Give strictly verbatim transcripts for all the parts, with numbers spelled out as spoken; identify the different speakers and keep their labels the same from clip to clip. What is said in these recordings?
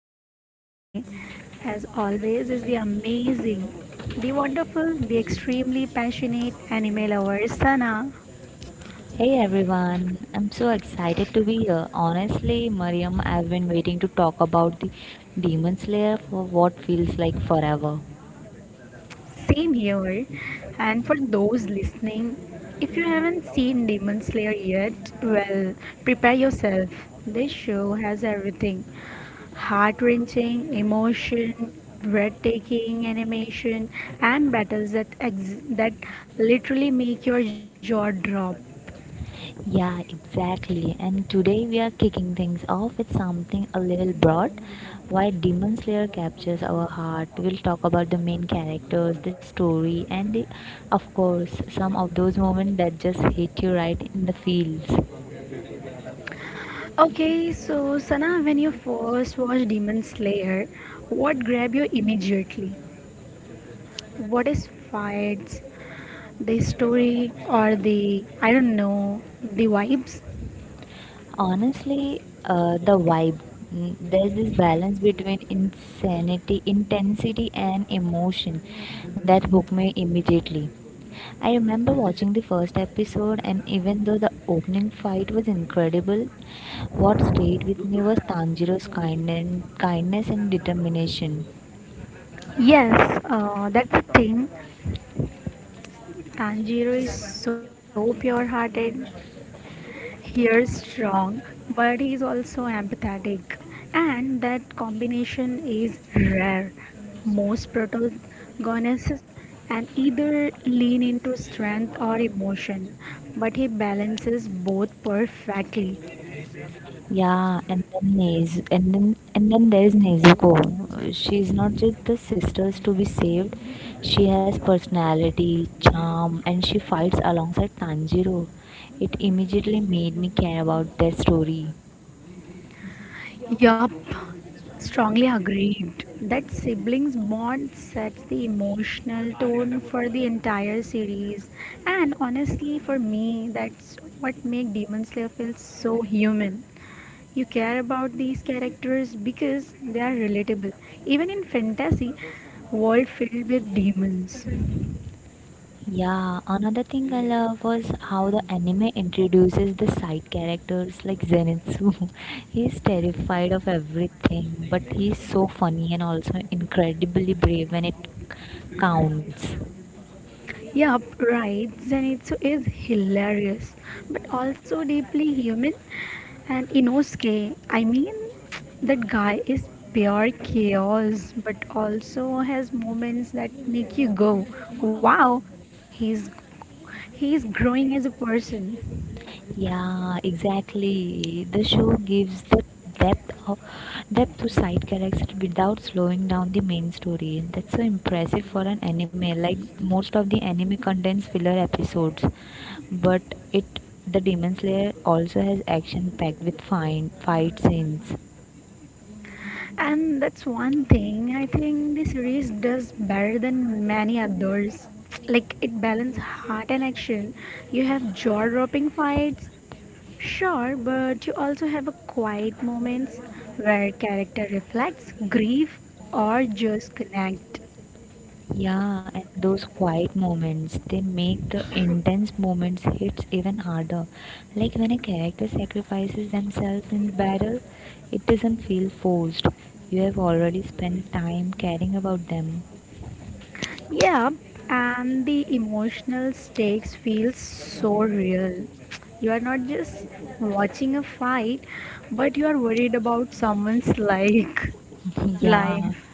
Speaker 1: joining me today, as always, is the amazing, the wonderful, the extremely passionate anime lover Sana.
Speaker 2: Hey everyone, I'm so excited to be here. Honestly, Mariam, I've been waiting to talk about the Demon Slayer for what feels like forever.
Speaker 1: Same here. And for those listening, if you haven't seen Demon Slayer yet, well, prepare yourself. This show has everything heart wrenching, emotion, breathtaking animation, and battles that, ex- that literally make your jaw drop.
Speaker 2: Yeah, exactly. And today we are kicking things off with something a little broad. Why Demon Slayer captures our heart. We'll talk about the main characters, the story, and the, of course, some of those moments that just hit you right in the feels.
Speaker 1: Okay, so Sana, when you first watched Demon Slayer, what grabbed you immediately? What is fights? The story or the, I don't know, the vibes.
Speaker 2: Honestly, uh, the vibe. Mm, There's this balance between insanity, intensity, and emotion that hooked me immediately. I remember watching the first episode, and even though the opening fight was incredible, what stayed with me was Tanjiro's kindness, kindness and determination.
Speaker 1: Yes, uh, that's the thing. Tanjiro is so pure-hearted. He is strong, but he is also empathetic, and that combination is rare. Most protagonists and either lean into strength or emotion, but he balances both perfectly.
Speaker 2: Yeah, and then Nez, and then and then there's Nezuko. She's not just the sisters to be saved. She has personality, charm, and she fights alongside Tanjiro. It immediately made me care about their story.
Speaker 1: Yup, strongly agreed. That siblings bond sets the emotional tone for the entire series, and honestly, for me, that's what makes Demon Slayer feel so human. You care about these characters because they are relatable, even in fantasy world filled with demons.
Speaker 2: Yeah, another thing I love was how the anime introduces the side characters like Zenitsu. He's terrified of everything, but he's so funny and also incredibly brave when it counts.
Speaker 1: Yup, right. Zenitsu is hilarious, but also deeply human. And Inosuke, I mean, that guy is pure chaos, but also has moments that make you go, "Wow, he's he's growing as a person."
Speaker 2: Yeah, exactly. The show gives the depth of depth to side characters without slowing down the main story. That's so impressive for an anime. Like most of the anime contains filler episodes, but it the Demon Slayer also has action packed with fine fight scenes.
Speaker 1: And that's one thing I think this series does better than many others. Like it balances heart and action. You have jaw-dropping fights, sure, but you also have a quiet moments where character reflects, grieve, or just connect.
Speaker 2: Yeah, and those quiet moments, they make the intense moments hits even harder. Like when a character sacrifices themselves in battle, it doesn't feel forced. You have already spent time caring about them.
Speaker 1: Yeah, and the emotional stakes feel so real. You are not just watching a fight, but you are worried about someone's life.
Speaker 2: yeah,
Speaker 1: Life.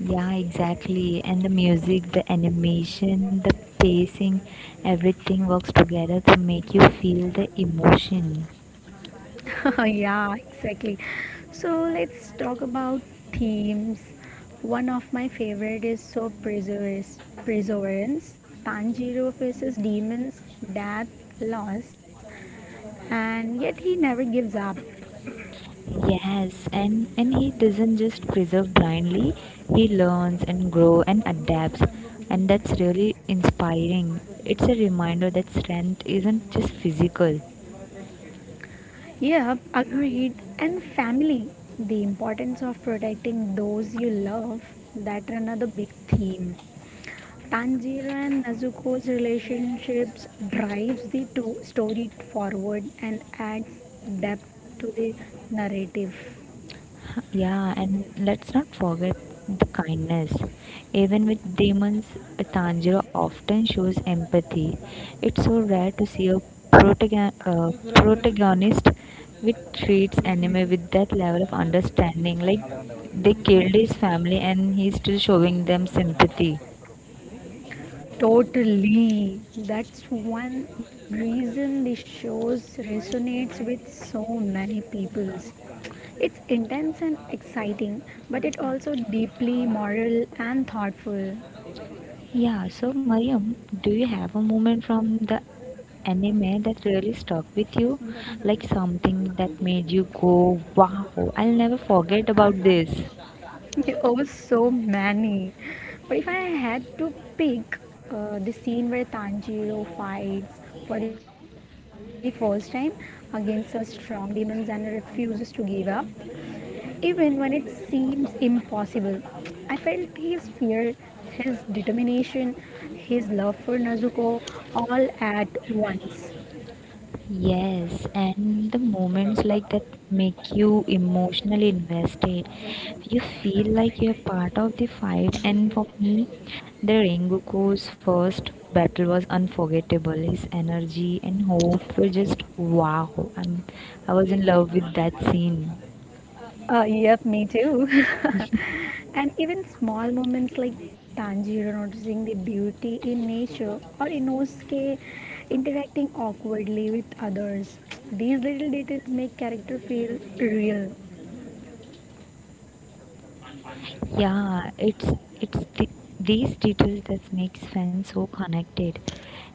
Speaker 2: yeah, exactly. And the music, the animation, the pacing, everything works together to make you feel the emotion.
Speaker 1: yeah, exactly. So let's talk about themes. One of my favorite is so perseverance. Perseverance. Tanjiro faces demons, death, loss, and yet he never gives up.
Speaker 2: Yes, and, and he doesn't just preserve blindly, he learns and grows and adapts. And that's really inspiring. It's a reminder that strength isn't just physical.
Speaker 1: Yep, agreed. And family. The importance of protecting those you love. That another big theme. Tanjiro and Nezuko's relationships drives the to- story forward and adds depth to the narrative.
Speaker 2: Yeah, and let's not forget the kindness. Even with demons, Tanjiro often shows empathy. It's so rare to see a protagon- uh, protagonist which treats anime with that level of understanding. Like they killed his family and he's still showing them sympathy.
Speaker 1: Totally. That's one reason the shows resonates with so many peoples. It's intense and exciting, but it also deeply moral and thoughtful.
Speaker 2: Yeah, so Mariam, do you have a moment from the anime that really stuck with you? Like something that made you go, wow, I'll never forget about this.
Speaker 1: Oh, so many. But if I had to pick uh, the scene where Tanjiro fights for the first time against a strong demons and refuses to give up, even when it seems impossible, I felt his fear, his determination, his love for Nezuko all at once.
Speaker 2: Yes, and the moments like that make you emotionally invested. You feel like you're part of the fight, and for me, the Rengoku's first battle was unforgettable. His energy and hope were just wow. I'm, I was in love with that scene.
Speaker 1: Uh, yep, me too. and even small moments like Tanjiro noticing the beauty in nature or Inosuke interacting awkwardly with others. These little details make character feel real.
Speaker 2: Yeah, it's it's the, these details that makes fans so connected.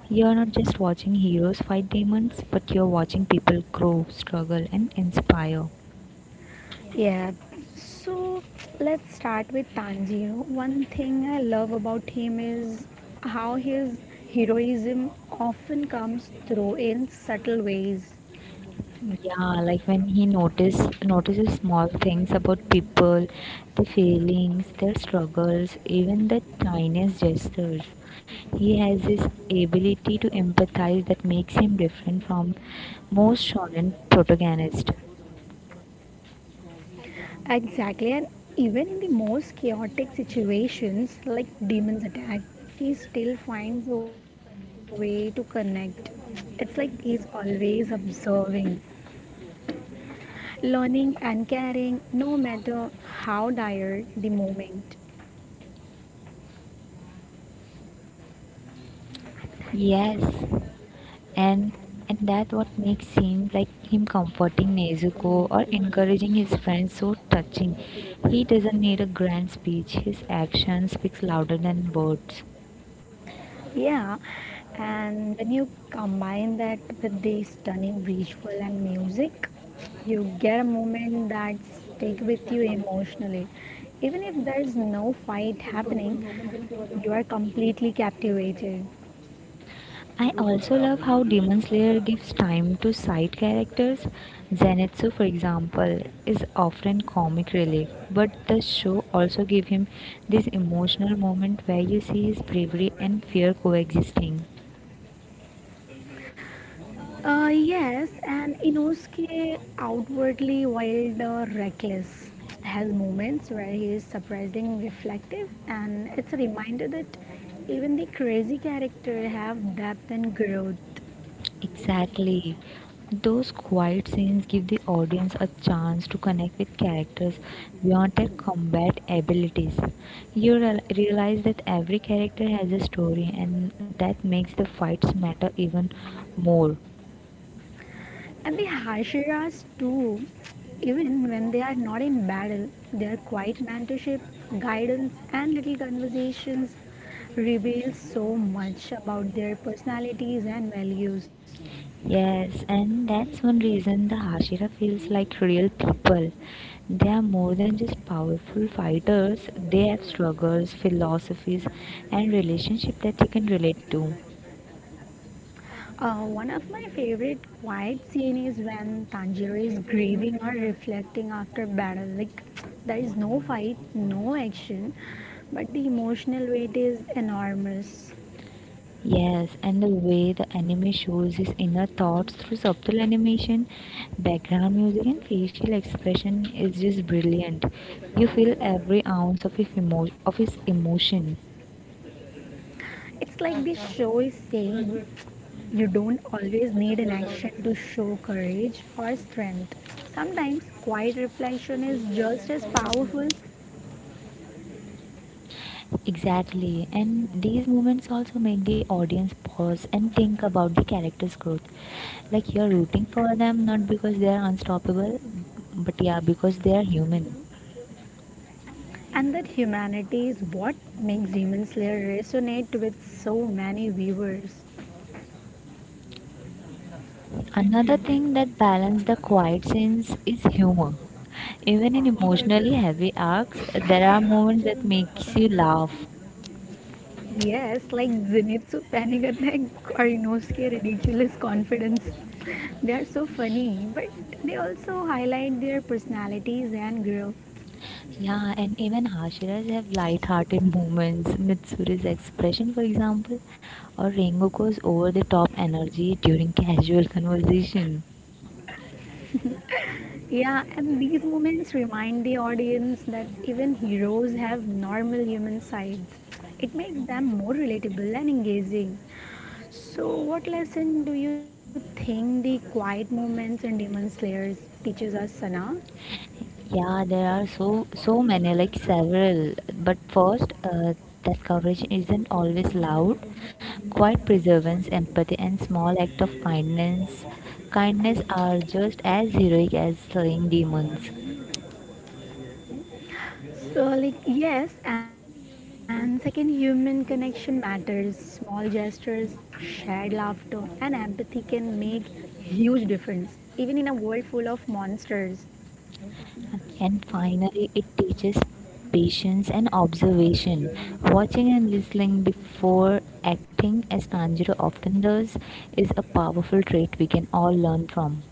Speaker 2: You're not just watching heroes fight demons, but you're watching people grow, struggle, and inspire.
Speaker 1: Yeah. So let's start with Tanjiro. One thing I love about him is how his heroism often comes through in subtle ways.
Speaker 2: Yeah, like when he notice notices small things about people, their feelings, their struggles, even the tiniest gestures. He has this ability to empathize that makes him different from most shonen protagonists.
Speaker 1: Exactly, and even in the most chaotic situations, like demons attack, he still finds a way to connect. It's like he's always observing, learning, and caring, no matter how dire the moment.
Speaker 2: Yes, and and that what makes him like him comforting Nezuko or encouraging his friends so touching. He doesn't need a grand speech. His action speaks louder than words.
Speaker 1: Yeah, and when you combine that with the stunning visual and music, you get a moment that stick with you emotionally. Even if there is no fight happening, you are completely captivated.
Speaker 2: I also love how Demon Slayer gives time to side characters. Zenitsu, for example, is often comic relief, but the show also gives him this emotional moment where you see his bravery and fear coexisting.
Speaker 1: Uh, yes, and Inosuke, outwardly wild or reckless, has moments where he is surprisingly reflective, and it's a reminder that even the crazy character have depth and growth.
Speaker 2: Exactly. Those quiet scenes give the audience a chance to connect with characters beyond their combat abilities. You real- realize that every character has a story, and that makes the fights matter even more.
Speaker 1: And the Hashiras too, even when they are not in battle, their quiet mentorship, guidance, and little conversations reveal so much about their personalities and values.
Speaker 2: Yes, and that's one reason the Hashira feels like real people. They are more than just powerful fighters, they have struggles, philosophies, and relationships that you can relate to.
Speaker 1: Uh, one of my favorite quiet scene is when Tanjiro is grieving or reflecting after battle. Like there is no fight, no action, but the emotional weight is enormous.
Speaker 2: Yes, and the way the anime shows his inner thoughts through subtle animation, background music, and facial expression is just brilliant. You feel every ounce of his, emo- of his emotion.
Speaker 1: It's like the show is saying you don't always need an action to show courage or strength. Sometimes quiet reflection is just as powerful,
Speaker 2: Exactly, and these moments also make the audience pause and think about the character's growth. Like you're rooting for them not because they are unstoppable, but yeah, because they are human.
Speaker 1: and that humanity is what makes Demon Slayer resonate with so many viewers.
Speaker 2: Another thing that balances the quiet scenes is humor. Even in emotionally heavy arcs, there are moments that makes you laugh.
Speaker 1: Yes, like Zenitsu panic attack or Inosuke ridiculous confidence. they are so funny, but they also highlight their personalities and growth.
Speaker 2: Yeah, and even Hashiras have light-hearted moments. Mitsuri's expression, for example, or Rengoku's over-the-top energy during casual conversation.
Speaker 1: Yeah, and these moments remind the audience that even heroes have normal human sides. It makes them more relatable and engaging. So, what lesson do you think the quiet moments in Demon Slayers teaches us, Sana?
Speaker 2: Yeah, there are so so many, like several. But first, uh, that coverage isn't always loud. Quiet perseverance, empathy, and small act of kindness, kindness are just as heroic as slaying demons.
Speaker 1: So, like, yes, and second, human connection matters. Small gestures, shared laughter, and empathy can make huge difference, even in a world full of monsters.
Speaker 2: And finally, it teaches patience and observation. Watching and listening before acting, as Tanjiro often does, is a powerful trait we can all learn from.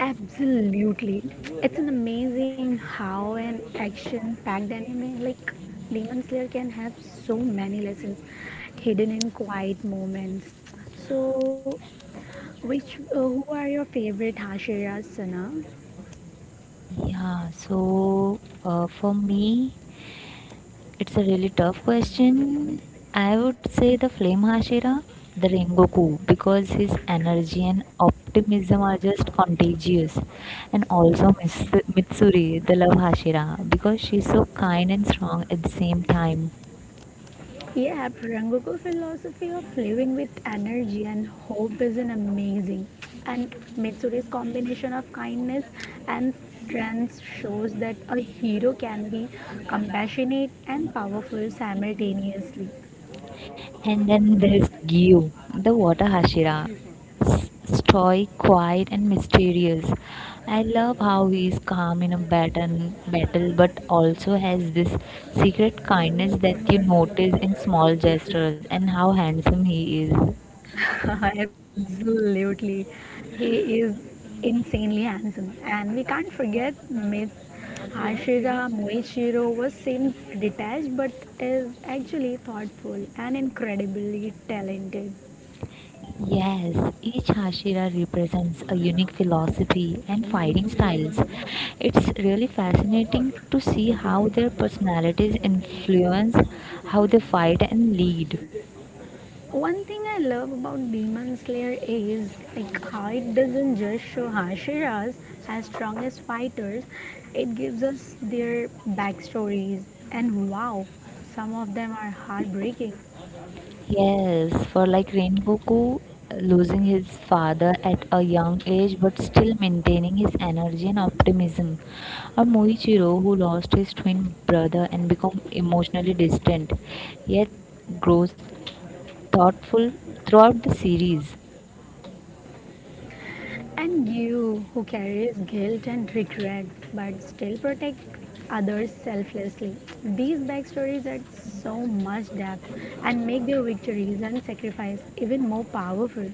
Speaker 1: Absolutely. It's an amazing how an action-packed anime like Demon Slayer can have so many lessons hidden in quiet moments. So, which uh, who are your favorite Hashira, Sana?
Speaker 2: Yeah, so uh, for me, it's a really tough question. I would say the Flame Hashira, the Rengoku, because his energy and optimism are just contagious. And also Mis- Mitsuri, the Love Hashira, because she's so kind and strong at the same time.
Speaker 1: Yeah, Purangoko philosophy of living with energy and hope is an amazing. And Mitsuri's combination of kindness and strength shows that a hero can be compassionate and powerful simultaneously.
Speaker 2: And then there's Gyu, the water Hashira. S- Stoic, quiet, and mysterious. I love how he is calm in a battle, battle, but also has this secret kindness that you notice in small gestures, and how handsome he is.
Speaker 1: Absolutely. He is insanely handsome. And we can't forget Mit's Hashira Moichiro was seems detached but is actually thoughtful and incredibly talented.
Speaker 2: Yes, each Hashira represents a unique philosophy and fighting styles. It's really fascinating to see how their personalities influence how they fight and lead.
Speaker 1: One thing I love about Demon Slayer is like how it doesn't just show Hashiras as strongest fighters, it gives us their backstories and wow, some of them are heartbreaking.
Speaker 2: Yes, for like Rengoku losing his father at a young age but still maintaining his energy and optimism. Or Moichiro who lost his twin brother and become emotionally distant yet grows thoughtful throughout the series.
Speaker 1: And Gyu, who carries guilt and regret but still protect others selflessly. These backstories add so much depth and make their victories and sacrifice even more powerful.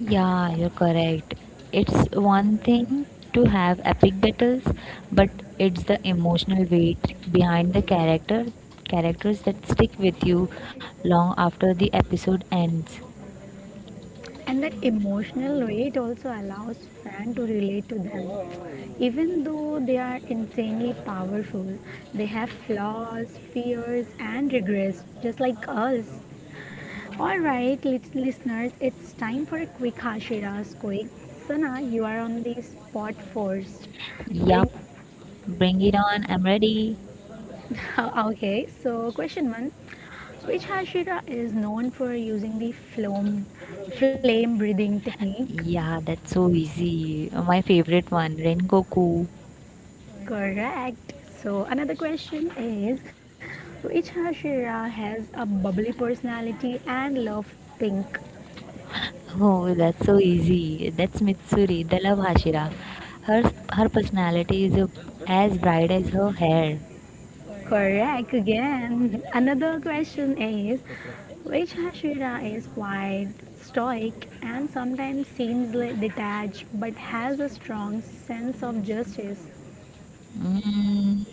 Speaker 2: Yeah, you're correct. It's one thing to have epic battles, but it's the emotional weight behind the character characters that stick with you long after the episode ends.
Speaker 1: And that emotional weight also allows fans to relate to them. Even though they are insanely powerful, they have flaws, fears, and regrets, just like us. Alright, lit- listeners, it's time for a quick Hashiras quick. Sana, you are on the spot first.
Speaker 2: Yup,
Speaker 1: Bring.
Speaker 2: bring it on, I'm ready.
Speaker 1: okay, so question one, which Hashira is known for using the flame, flame breathing technique?
Speaker 2: Yeah, that's so easy. My favorite one, Rengoku.
Speaker 1: Correct. So another question is, which Hashira has a bubbly personality and love pink?
Speaker 2: Oh, that's so easy. That's Mitsuri, the love Hashira. Her Her personality is uh, as bright as her hair.
Speaker 1: Correct again. another question is, which Hashira is quiet, stoic, and sometimes seems like detached but has a strong sense of justice?
Speaker 2: Mm,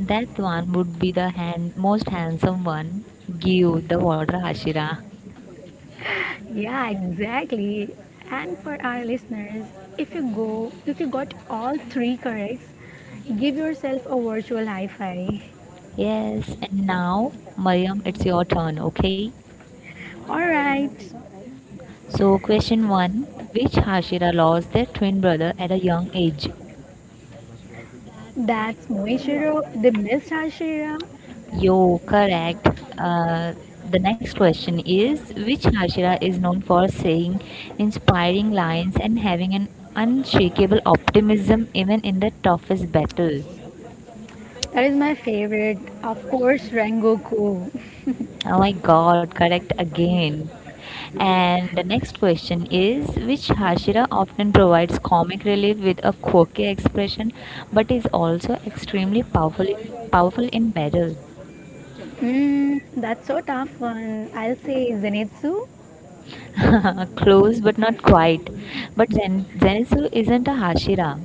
Speaker 2: that one would be the hand, most handsome one. Give the water, Hashira.
Speaker 1: Yeah, exactly. And for our listeners, if you go, if you got all three corrects, give yourself a virtual high five.
Speaker 2: Yes, and now, Mariam, it's your turn, okay?
Speaker 1: Alright,
Speaker 2: So, question one. Which Hashira lost their twin brother at a young age?
Speaker 1: that's Moishiro, the Miss Hashira.
Speaker 2: Yo, correct. Uh, the next question is, which Hashira is known for saying inspiring lines and having an unshakable optimism even in the toughest battle?
Speaker 1: That is my favorite. Of course, Rengoku.
Speaker 2: Oh my god, correct again. And the next question is, which Hashira often provides comic relief with a quirky expression but is also extremely powerful powerful in battle?
Speaker 1: Mm, that's so tough one. I'll say Zenitsu.
Speaker 2: Close, but not quite. But Zen- Zenitsu isn't a Hashira.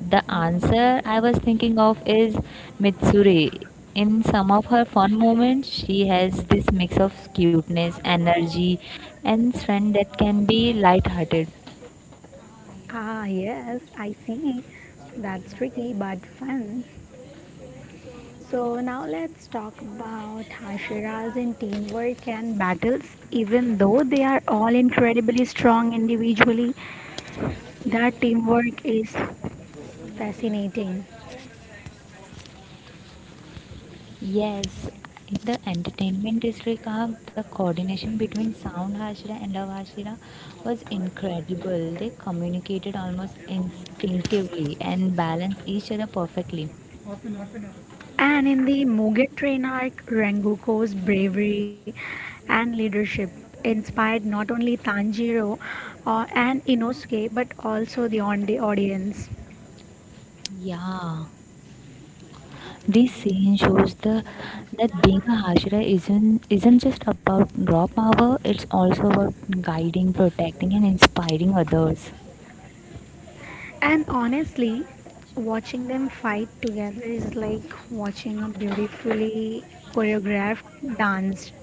Speaker 2: The answer I was thinking of is Mitsuri. In some of her fun moments, she has this mix of cuteness, energy, and strength that can be light-hearted.
Speaker 1: Ah, yes, I see. That's tricky but fun. So now let's talk about Hashiras in teamwork and battles. Even though they are all incredibly strong individually, their teamwork is fascinating.
Speaker 2: Yes, in the entertainment district arc, the coordination between Sound Hashira and Love Hashira was incredible. They communicated almost instinctively and balanced each other perfectly.
Speaker 1: And in the Mugen Train arc, Rengoku's bravery and leadership inspired not only Tanjiro uh, and Inosuke but also the on- the audience.
Speaker 2: Yeah, this scene shows the that being a Hashira isn't isn't just about raw power. It's also about guiding, protecting, and inspiring others.
Speaker 1: And honestly, watching them fight together is like watching a beautifully choreographed dance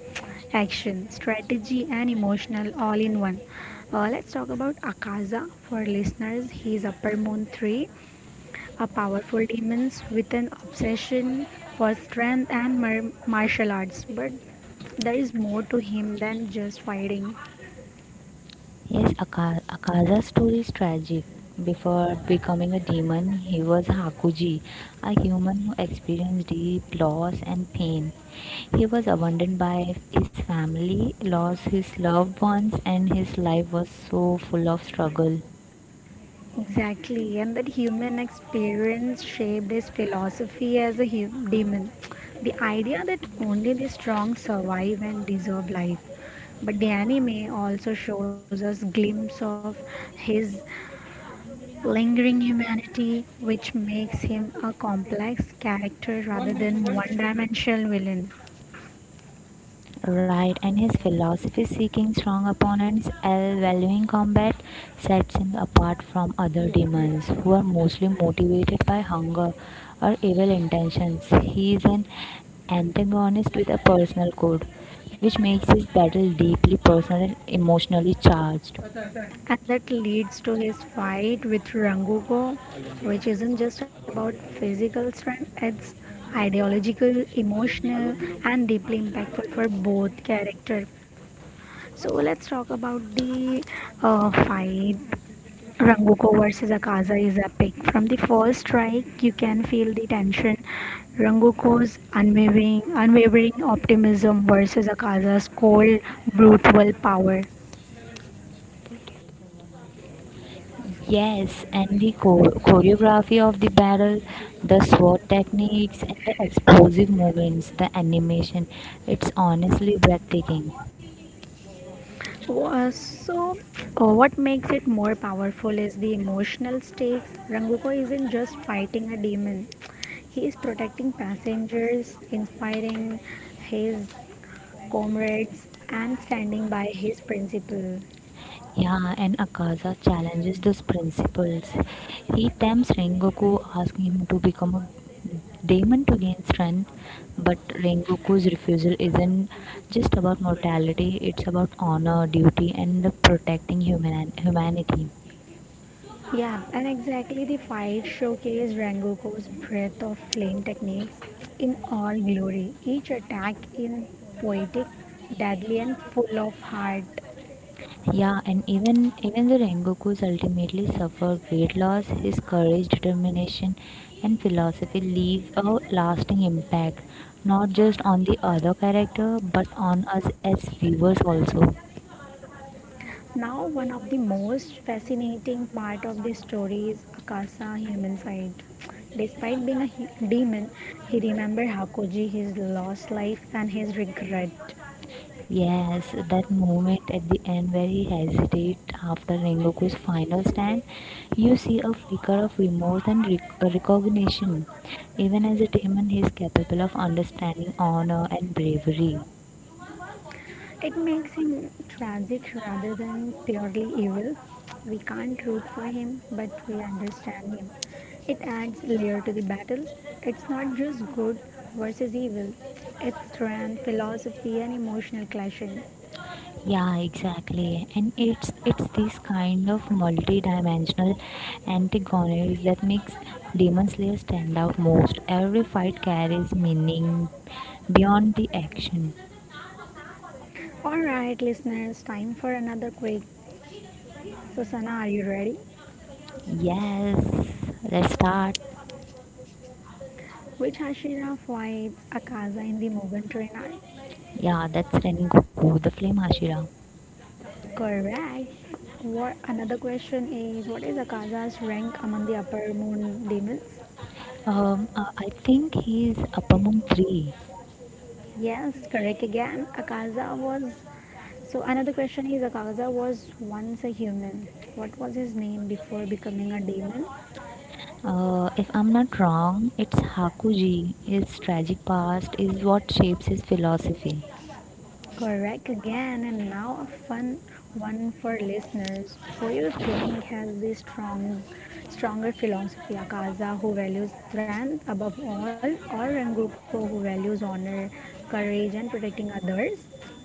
Speaker 1: action, strategy, and emotional all in one. Uh, let's talk about Akaza for listeners. He's Upper Moon three, a powerful demon with an obsession for strength and mar- martial arts, but there is more to him than just fighting.
Speaker 2: Yes, Aka- Akaza's story is tragic. Before becoming a demon, he was Hakuji, a human who experienced deep loss and pain. He was abandoned by his family, lost his loved ones, and his life was so full of struggle.
Speaker 1: Exactly, and that human experience shaped his philosophy as a hu- demon. The idea that only the strong survive and deserve life. But the anime also shows us glimpse of his lingering humanity, which makes him a complex character rather than one-dimensional villain.
Speaker 2: Right, and his philosophy seeking strong opponents while valuing combat sets him apart from other demons who are mostly motivated by hunger or evil intentions. He is an antagonist with a personal code, which makes his battle deeply personal and emotionally charged.
Speaker 1: And that leads to his fight with Rangugo, which isn't just about physical strength, it's ideological, emotional, and deeply impactful for both character. So let's talk about the uh, fight. Rangugo versus Akaza is epic. From the first strike, you can feel the tension. Ranguko's unwavering, unwavering optimism versus Akaza's cold, brutal power.
Speaker 2: Yes, and the chor- choreography of the battle, the sword techniques, and the explosive movements, the animation, it's honestly breathtaking.
Speaker 1: Wha- So, uh, what makes it more powerful is the emotional stakes. Ranguko isn't just fighting a demon, he is protecting passengers, inspiring his comrades, and standing by his principle.
Speaker 2: Yeah, and Akaza challenges those principles. He tempts Rengoku, asking him to become a demon to gain strength. But Rengoku's refusal isn't just about mortality, it's about honor, duty, and protecting human- humanity.
Speaker 1: Yeah, and exactly the fight showcased Rangoku's breath of flame techniques in all glory. Each attack in poetic, deadly, and full of heart.
Speaker 2: Yeah, and even even the Rengoku's ultimately suffered great loss, his courage, determination, and philosophy leave a lasting impact, not just on the other character, but on us as viewers also.
Speaker 1: Now, one of the most fascinating part of this story is Akasa's human side. Despite being a hu- demon, he remembers Hakoji, his lost life, and his regret.
Speaker 2: Yes, that moment at the end where he hesitates after Rengoku's final stand, you see a flicker of remorse and rec- recognition. Even as a demon, he is capable of understanding honor and bravery.
Speaker 1: It makes him tragic rather than purely evil. We can't root for him, but we understand him. It adds layer to the battle. It's not just good versus evil. It's strength, philosophy, and emotional clashing.
Speaker 2: Yeah, exactly, and it's it's this kind of multi-dimensional antagonists that makes demon slayer stand out most. Every fight carries meaning beyond the action.
Speaker 1: All right, listeners, time for another quick Susanna, are you ready?
Speaker 2: Yes, let's start.
Speaker 1: Which Hashira fights Akaza in the Mugen Train arc?
Speaker 2: Yeah, that's Ren Goku, the flame hashira.
Speaker 1: Correct. What another question is what is Akaza's rank among the upper moon demons?
Speaker 2: um uh, I think he's upamon three.
Speaker 1: Yes, correct again. Akaza was so another question is Akaza was once a human. What was his name before becoming a demon?
Speaker 2: Uh, if I'm not wrong, it's Hakuji. His tragic past is what shapes his philosophy.
Speaker 1: Correct again, and now a fun one for listeners. Who you think has the strong, stronger philosophy? Akaza, who values strength above all, or Rengoku, who values honor, courage, and protecting others?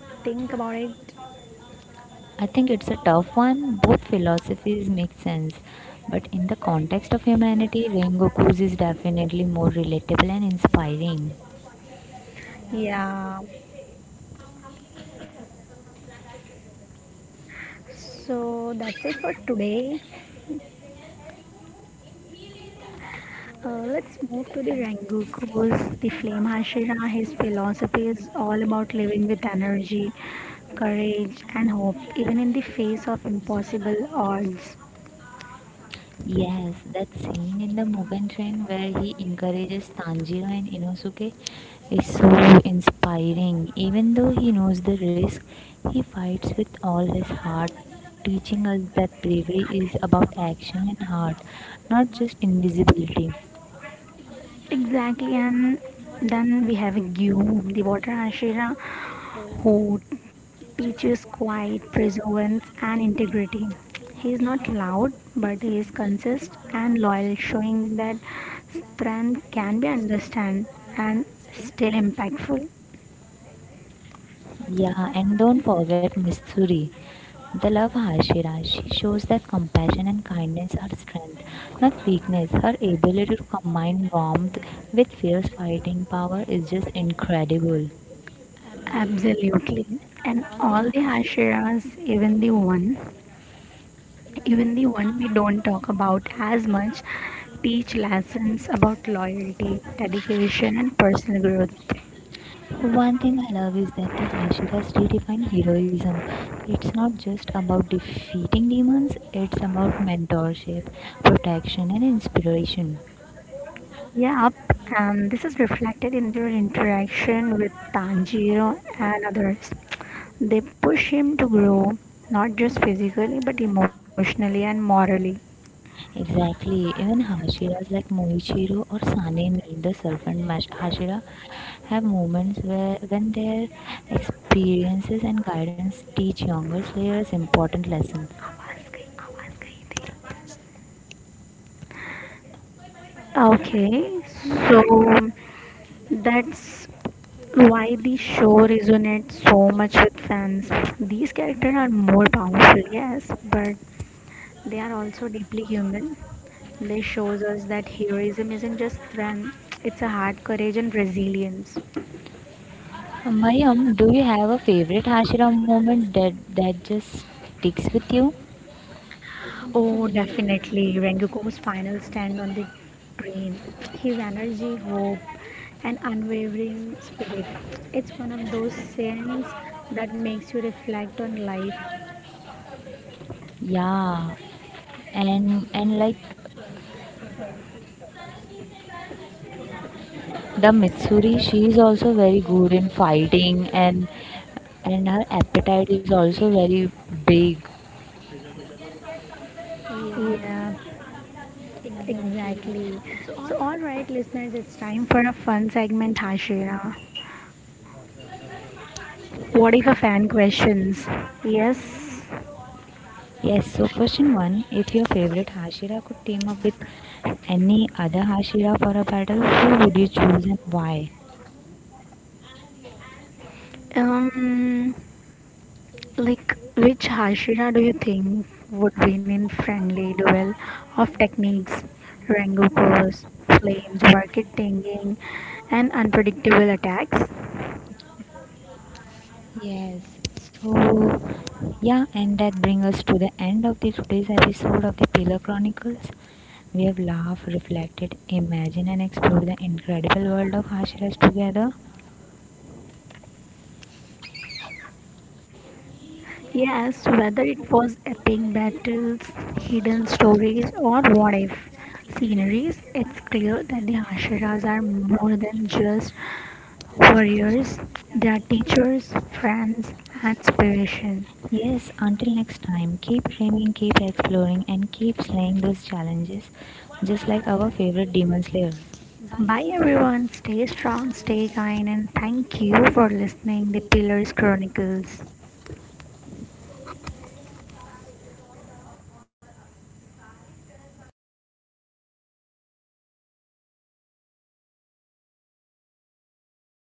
Speaker 1: Think about it.
Speaker 2: I think it's a tough one. Both philosophies make sense, but in the context of humanity, Rengoku's is definitely more relatable and inspiring.
Speaker 1: Yeah. So that's it for today. Uh, let's move to the Rengoku's The Flame Hashira. His philosophy is all about living with energy, courage, and hope, even in the face of impossible odds.
Speaker 2: Yes, that scene in the Mugen Train where he encourages Tanjiro and Inosuke is so inspiring. Even though he knows the risk, he fights with all his heart, teaching us that bravery is about action and heart, not just invisibility.
Speaker 1: Exactly, and then we have Gyu, the Water Hashira, who teaches quiet, perseverance, and integrity. He is not loud, but he is consistent and loyal, showing that strength can be understood and still impactful.
Speaker 2: Yeah, and don't forget Missouri. The love Hashi She shows that compassion and kindness are strength, not weakness. Her ability to combine warmth with fierce fighting power is just incredible.
Speaker 1: Absolutely. And all the Hashiras, even the one, even the one we don't talk about as much, teach lessons about loyalty, dedication, and personal growth.
Speaker 2: One thing I love is that the Hashiras redefine heroism. It's not just about defeating demons, it's about mentorship, protection, and inspiration.
Speaker 1: Yep, and this is reflected in their interaction with Tanjiro and others. They push him to grow, not just physically, but emotionally and morally.
Speaker 2: Exactly. Even Hashiras like Moichiro or Sanemi, the serpent mash Hashira, have moments where when their experiences and guidance teach younger slayers important lessons.
Speaker 1: आवाज गई, आवाज गई तेरी. Okay, so that's why the show resonates so much with fans. These characters are more powerful, yes, but they are also deeply human. This shows us that heroism isn't just strength, it's a heart, courage, and resilience.
Speaker 2: Mayam, do you have a favorite Hashira moment that that just sticks with you?
Speaker 1: Oh, definitely. Rengoku's final stand on the train. His energy, hope, and unwavering spirit. It's one of those scenes that makes you reflect on life.
Speaker 2: Yeah, and and like the Mitsuri, she is also very good in fighting and and her appetite is also very big.
Speaker 1: Yeah, exactly. So, all right, listeners, it's time for a fun segment, Hashira. What if a fan questions? Yes.
Speaker 2: Yes, so question one. If your favorite Hashira could team up with any other Hashira for a battle, who would you choose and why?
Speaker 1: Um, like, which Hashira do you think would win in friendly duel of techniques, Rengokos, flames, market tanking, and unpredictable attacks?
Speaker 2: Yes, so yeah, and that brings us to the end of the today's episode of the Pillar Chronicles. We have laughed, reflected, imagined, and explored the incredible world of Hashiras together.
Speaker 1: Yes, whether it was epic battles, hidden stories, or what if sceneries, it's clear that the Hashiras are more than just warriors, they are teachers, friends, and inspiration.
Speaker 2: Yes, until next time, keep dreaming, keep exploring, and keep slaying those challenges, just like our favorite demon slayer.
Speaker 1: Bye everyone, stay strong, stay kind, and thank you for listening the Pillars Chronicles.